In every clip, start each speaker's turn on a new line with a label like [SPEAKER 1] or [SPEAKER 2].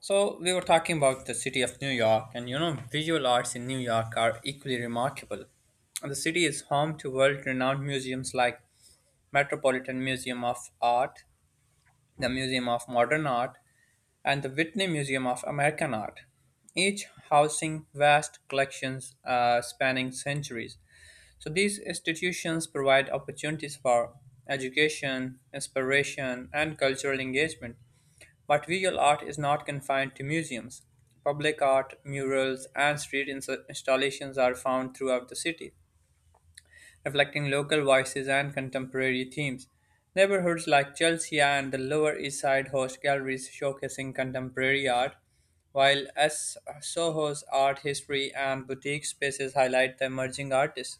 [SPEAKER 1] So we were talking about the city of New York, and you know, visual arts in New York are equally remarkable. And the city is home to world-renowned museums like Metropolitan Museum of Art, the Museum of Modern Art, and the Whitney Museum of American Art, each housing vast collections spanning centuries. So these institutions provide opportunities for education, inspiration, and cultural engagement, but visual art is not confined to museums. Public art, murals, and installations are found throughout the city, reflecting local voices and contemporary themes. Neighborhoods like Chelsea and the Lower East Side host galleries showcasing contemporary art, while Soho's art history and boutique spaces highlight the emerging artists.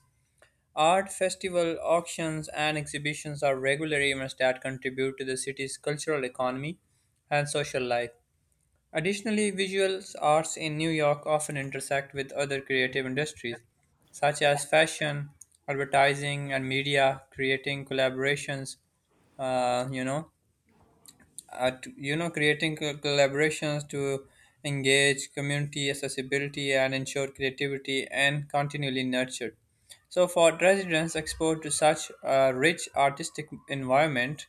[SPEAKER 1] Art festival auctions and exhibitions are regular events that contribute to the city's cultural economy and social life. Additionally, visual arts in New York often intersect with other creative industries, such as fashion, advertising, and media, creating collaborations, you know at you know creating co- collaborations to engage community accessibility and ensure creativity and continually nurtured. So for residents, exposed to such a rich artistic environment,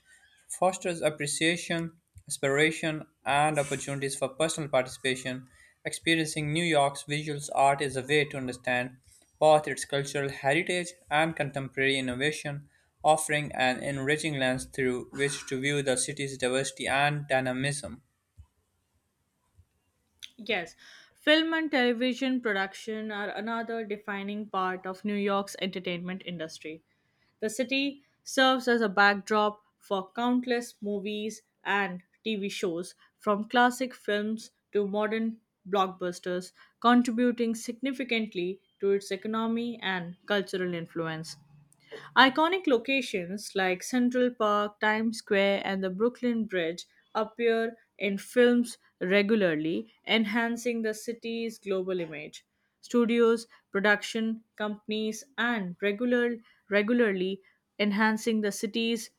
[SPEAKER 1] fosters appreciation, inspiration, and opportunities for personal participation. Experiencing New York's visual art is a way to understand both its cultural heritage and contemporary innovation, offering an enriching lens through which to view the city's diversity and dynamism.
[SPEAKER 2] Yes, film and television production are another defining part of New York's entertainment industry. The city serves as a backdrop for countless movies and TV shows, from classic films to modern blockbusters, contributing significantly to its economy and cultural influence. Iconic locations like Central Park, Times Square, and the Brooklyn Bridge appear in films regularly, enhancing the city's global image. Studios, production companies, and regularly enhancing the city's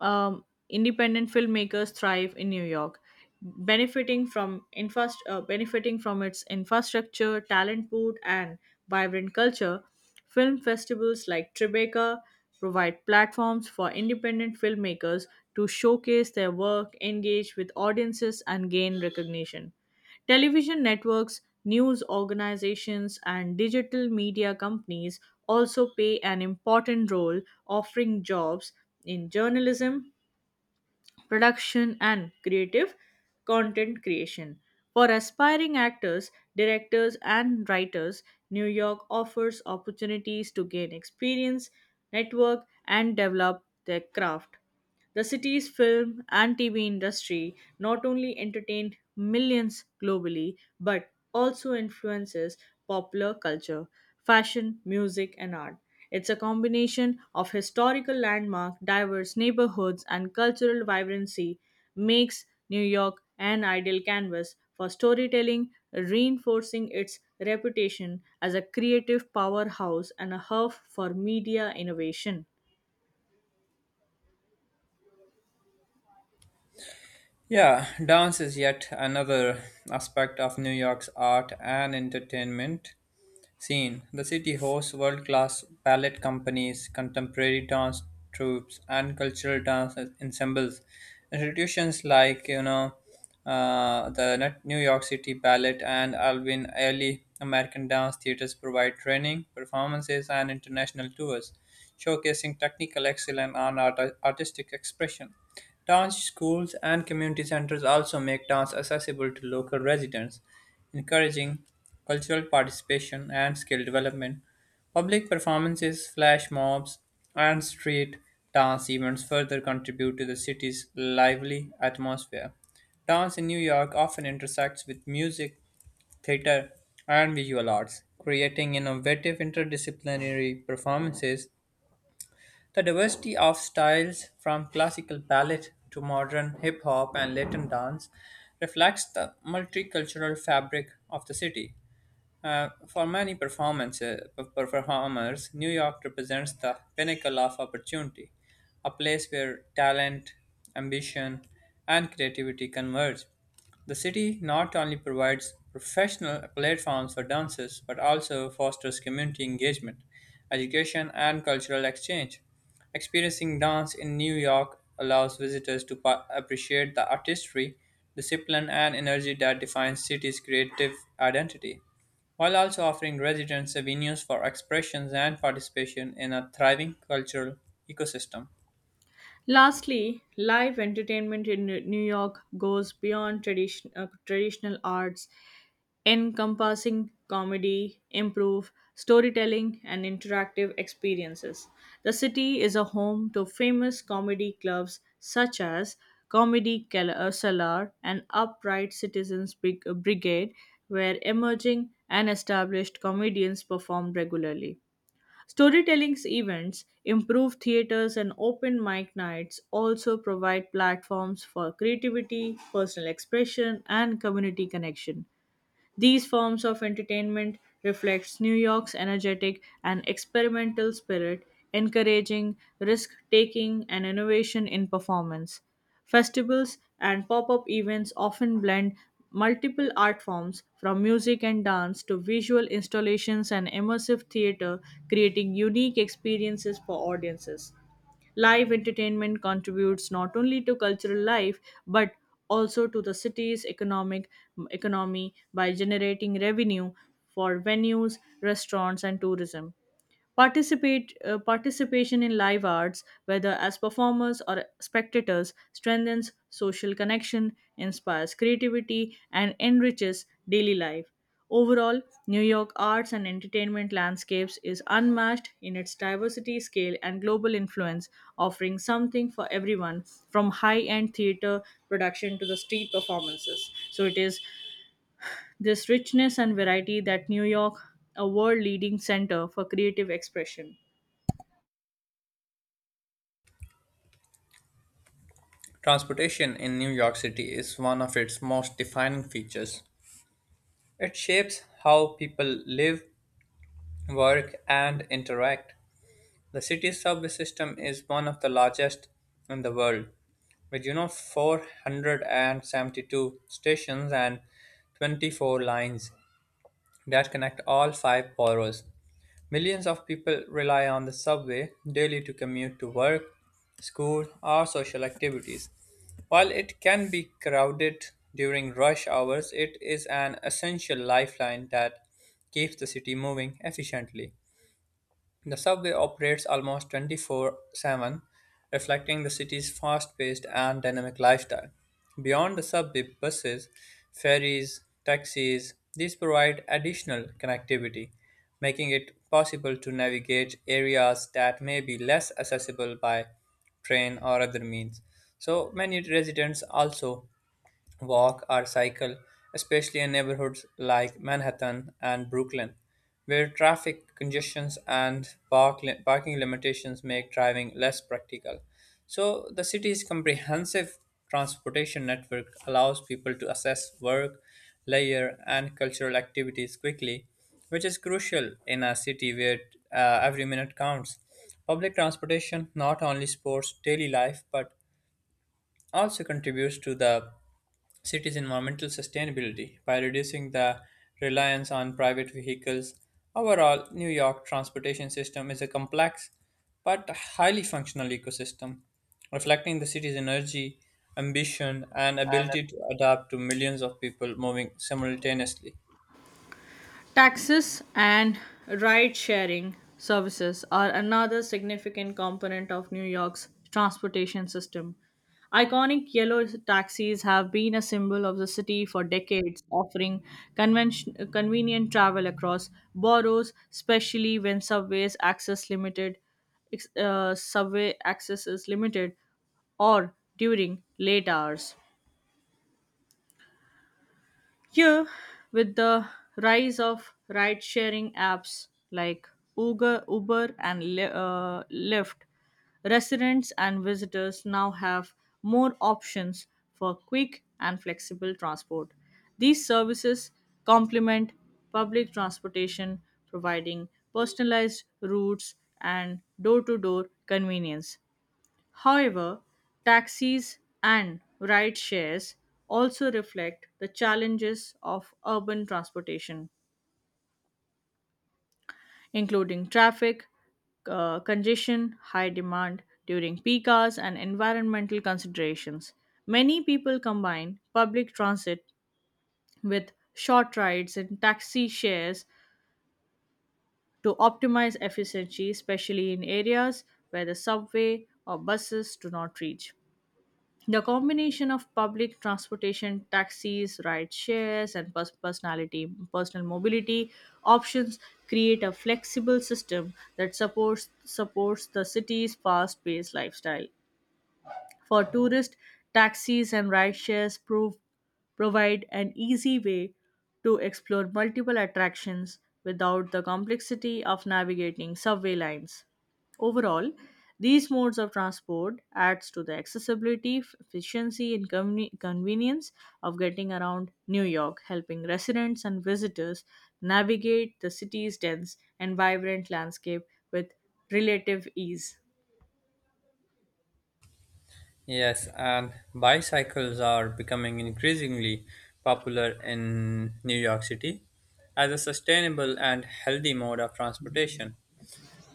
[SPEAKER 2] um, independent filmmakers thrive in New York, benefiting from benefiting from its infrastructure, talent pool, and vibrant culture. Film festivals like Tribeca provide platforms for independent filmmakers to showcase their work, engage with audiences, and gain recognition. Television networks, news organizations, and digital media companies also play an important role offering jobs in journalism, production and creative content creation. For aspiring actors, directors, and writers, New York offers opportunities to gain experience, network, and develop their craft. The city's film and TV industry not only entertained millions globally but also influences popular culture, fashion, music, and art. It's a combination of historical landmark, diverse neighborhoods, and cultural vibrancy makes New York an ideal canvas for storytelling, reinforcing its reputation as a creative powerhouse and a hub for media innovation.
[SPEAKER 1] Yeah, dance is yet another aspect of New York's art and entertainment scene. The city hosts world class ballet companies, contemporary dance troupes, and cultural dance ensembles. Institutions like, New York City Ballet and Alvin Ailey American Dance Theaters provide training, performances, and international tours, showcasing technical excellence and artistic expression. Dance schools and community centers also make dance accessible to local residents, encouraging cultural participation and skill development. Public performances, flash mobs, and street dance events further contribute to the city's lively atmosphere. Dance in New York often intersects with music, theater, and visual arts, creating innovative interdisciplinary performances. The diversity of styles, from classical ballet to modern hip hop and Latin dance, reflects the multicultural fabric of the city. For many performers, New York represents the pinnacle of opportunity, a place where talent, ambition, and creativity converge. The city not only provides professional platforms for dancers but also fosters community engagement, education, and cultural exchange. Experiencing dance in New York allows visitors to appreciate the artistry, discipline, and energy that defines city's creative identity, while also offering residents avenues for expressions and participation in a thriving cultural ecosystem.
[SPEAKER 2] Lastly, live entertainment in New York goes beyond traditional arts, encompassing comedy, improv, storytelling, and interactive experiences. The city is a home to famous comedy clubs such as Cellar and Upright Citizens Brigade, where emerging and established comedians perform regularly. Storytelling events, improved theaters, and open mic nights also provide platforms for creativity, personal expression, and community connection. These forms of entertainment reflects New York's energetic and experimental spirit, encouraging risk-taking and innovation in performance. Festivals and pop-up events often blend multiple art forms from music and dance to visual installations and immersive theater, creating unique experiences for audiences. Live entertainment contributes not only to cultural life but also to the city's economic economy by generating revenue for venues, restaurants and tourism. Participation in live arts, whether as performers or spectators, strengthens social connection, inspires creativity, and enriches daily life. Overall, New York arts and entertainment landscapes is unmatched in its diversity, scale, and global influence, offering something for everyone from high end theater production to the street performances. So, it is this richness and variety that New York, a world leading center for creative expression.
[SPEAKER 1] Transportation in New York City is one of its most defining features. It shapes how people live, work, and interact. The city's subway system is one of the largest in the world, with you know 472 stations and 24 lines that connect all five boroughs. Millions of people rely on the subway daily to commute to work, school, or social activities. While it can be crowded during rush hours, it is an essential lifeline that keeps the city moving efficiently. The subway operates almost 24/7, reflecting the city's fast-paced and dynamic lifestyle. Beyond the subway, buses, ferries, taxis, these provide additional connectivity, making it possible to navigate areas that may be less accessible by train or other means. So many residents also walk or cycle, especially in neighborhoods like Manhattan and Brooklyn, where traffic congestions and parking limitations make driving less practical. So, the city's comprehensive transportation network allows people to access work, leisure, and cultural activities quickly, which is crucial in a city where every minute counts. Public transportation not only supports daily life but also contributes to the cities' environmental sustainability by reducing the reliance on private vehicles. Overall, New York transportation system is a complex but highly functional ecosystem, reflecting the city's energy, ambition, and ability to adapt to millions of people moving simultaneously.
[SPEAKER 2] Taxes and ride sharing services are another significant component of New York's transportation system. Iconic yellow taxis have been a symbol of the city for decades, offering convenient travel across boroughs, especially when subway access is limited or during late hours. Here, with the rise of ride sharing apps like Uber and Lyft, residents and visitors now have more options for quick and flexible transport. These services complement public transportation, providing personalized routes and door to door convenience. However, taxis and ride shares also reflect the challenges of urban transportation, including congestion, high demand during peak hours, and environmental considerations. Many people combine public transit with short rides and taxi shares to optimize efficiency, especially in areas where the subway or buses do not reach. The combination of public transportation, taxis, ride shares, and personal mobility options create a flexible system that supports the city's fast-paced lifestyle. For tourists, taxis and rideshares provide an easy way to explore multiple attractions without the complexity of navigating subway lines. Overall, these modes of transport adds to the accessibility, efficiency, and convenience of getting around New York, helping residents and visitors navigate the city's dense and vibrant landscape with relative ease.
[SPEAKER 1] Yes, and bicycles are becoming increasingly popular in New York City as a sustainable and healthy mode of transportation.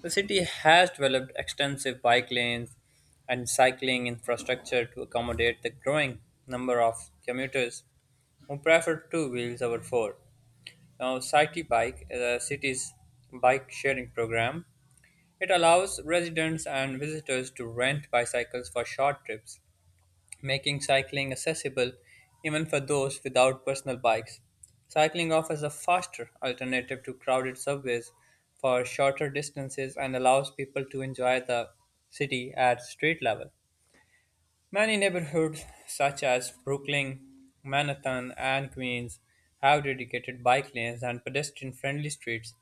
[SPEAKER 1] The city has developed extensive bike lanes and cycling infrastructure to accommodate the growing number of commuters who prefer two wheels over four. Now, City Bike is a city's bike sharing program. It allows residents and visitors to rent bicycles for short trips, making cycling accessible even for those without personal bikes. Cycling offers a faster alternative to crowded subways for shorter distances and allows people to enjoy the city at street level. Many neighborhoods, such as Brooklyn, Manhattan, and Queens, have dedicated bike lanes and pedestrian friendly streets,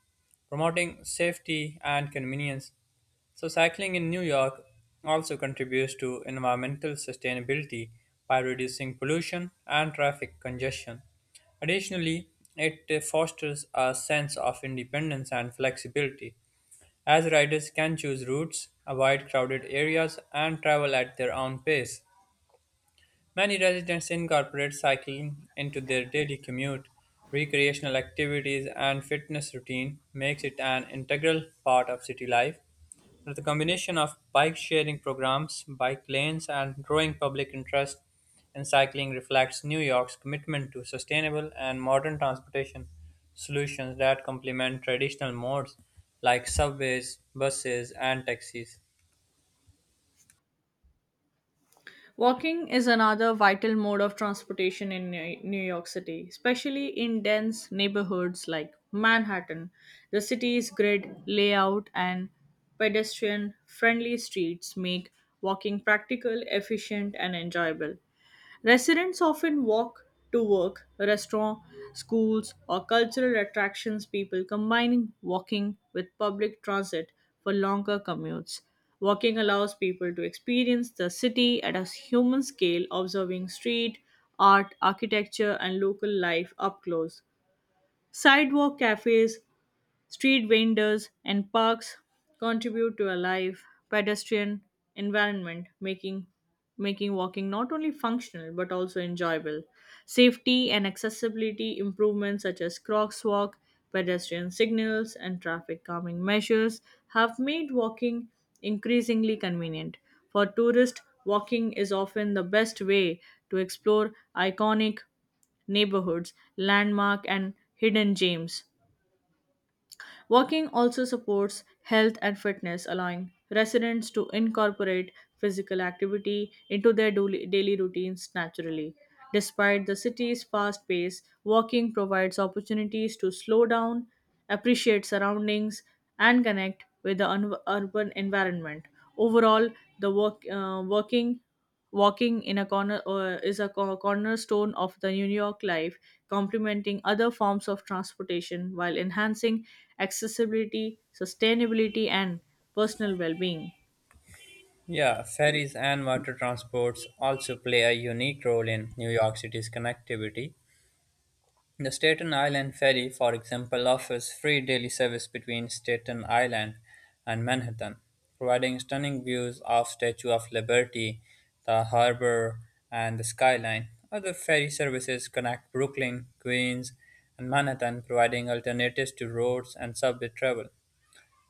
[SPEAKER 1] promoting safety and convenience. So, cycling in New York also contributes to environmental sustainability by reducing pollution and traffic congestion. Additionally, it fosters a sense of independence and flexibility, as riders can choose routes, avoid crowded areas, and travel at their own pace. Many residents incorporate cycling into their daily commute. Recreational activities and fitness routine makes it an integral part of city life. With the combination of bike sharing programs, bike lanes, and growing public interest in cycling reflects New York's commitment to sustainable and modern transportation solutions that complement traditional modes like subways, buses, and taxis.
[SPEAKER 2] Walking is another vital mode of transportation in New York City, especially in dense neighborhoods like Manhattan. The city's grid layout and pedestrian friendly streets make walking practical, efficient, and enjoyable. Residents often walk to work, restaurants, schools, or cultural attractions, people combining walking with public transit for longer commutes. Walking allows people to experience the city at a human scale, observing street, art, architecture, and local life up close. Sidewalk cafes, street vendors and parks contribute to a live pedestrian environment, making walking not only functional but also enjoyable. Safety and accessibility improvements such as crosswalk, pedestrian signals, and traffic calming measures have made walking increasingly convenient. For tourists, walking is often the best way to explore iconic neighborhoods, landmark, and hidden gems. Walking also supports health and fitness, allowing residents to incorporate physical activity into their daily routines naturally. Despite the city's fast pace, walking provides opportunities to slow down, appreciate surroundings, and connect with the urban environment. Overall, the work, walking walking in a corner is a cornerstone of the New York life, complementing other forms of transportation while enhancing accessibility, sustainability, and personal well being.
[SPEAKER 1] Yeah, ferries and water transports also play a unique role in New York City's connectivity. The Staten Island Ferry, for example, offers free daily service between Staten Island and Manhattan, providing stunning views of Statue of Liberty, the harbor, and the skyline. Other ferry services connect Brooklyn, Queens, and Manhattan, providing alternatives to roads and subway travel.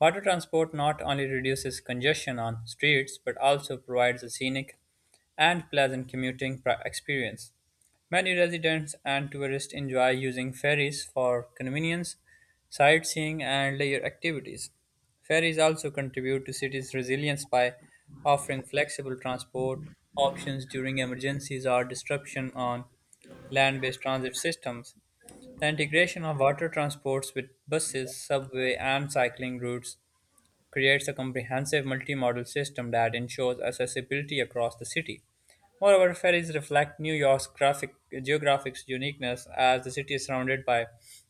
[SPEAKER 1] Water transport not only reduces congestion on streets but also provides a scenic and pleasant experience. Many residents and tourists enjoy using ferries for convenience, sightseeing, and leisure activities. Ferries also contribute to cities' resilience by offering flexible transport options during emergencies or disruption on land based transit systems. The integration of water transports with buses, subway, and cycling routes creates a comprehensive multimodal system that ensures accessibility across the city. Moreover, ferries reflect New York's geographic uniqueness as the city is surrounded by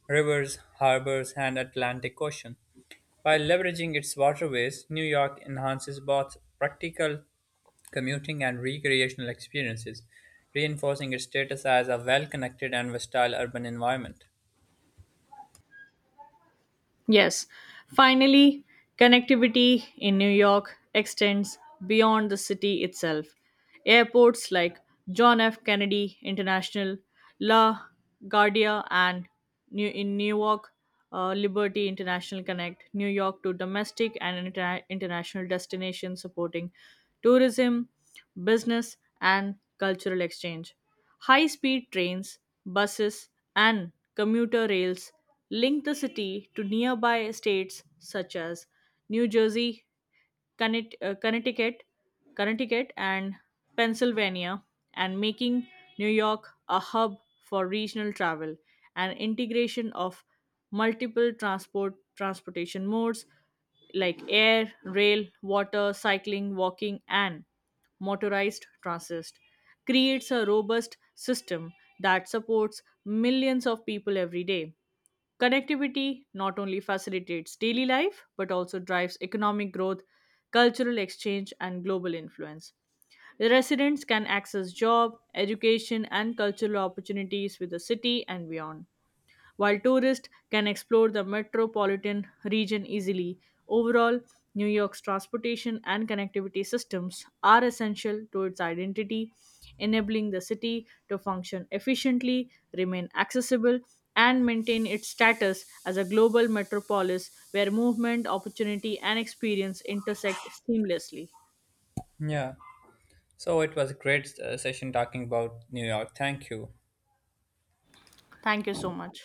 [SPEAKER 1] rivers, harbors, and Atlantic Ocean. By leveraging its waterways, New York enhances both practical commuting and recreational experiences, reinforcing its status as a well-connected and versatile urban environment.
[SPEAKER 2] Yes, finally, connectivity in New York extends beyond the city itself. Airports like John F. Kennedy International, La Guardia, and New- in Newark, Liberty International connect New York to domestic and international destinations, supporting tourism, business, and cultural exchange. High speed trains, buses, and commuter rails link the city to nearby states such as New Jersey, Connect- uh, Connecticut, Connecticut, and Pennsylvania, and making New York a hub for regional travel and integration of multiple transportation modes like air, rail, water, cycling, walking, and motorized transit creates a robust system that supports millions of people every day. Connectivity not only facilitates daily life but also drives economic growth, cultural exchange, and global influence. The residents can access job, education, and cultural opportunities with the city and beyond while tourists can explore the metropolitan region easily. Overall, New York's transportation and connectivity systems are essential to its identity, enabling the city to function efficiently, remain accessible, and maintain its status as a global metropolis where movement, opportunity, and experience intersect seamlessly.
[SPEAKER 1] Yeah. So it was a great session talking about New York. Thank you.
[SPEAKER 2] Thank you so much.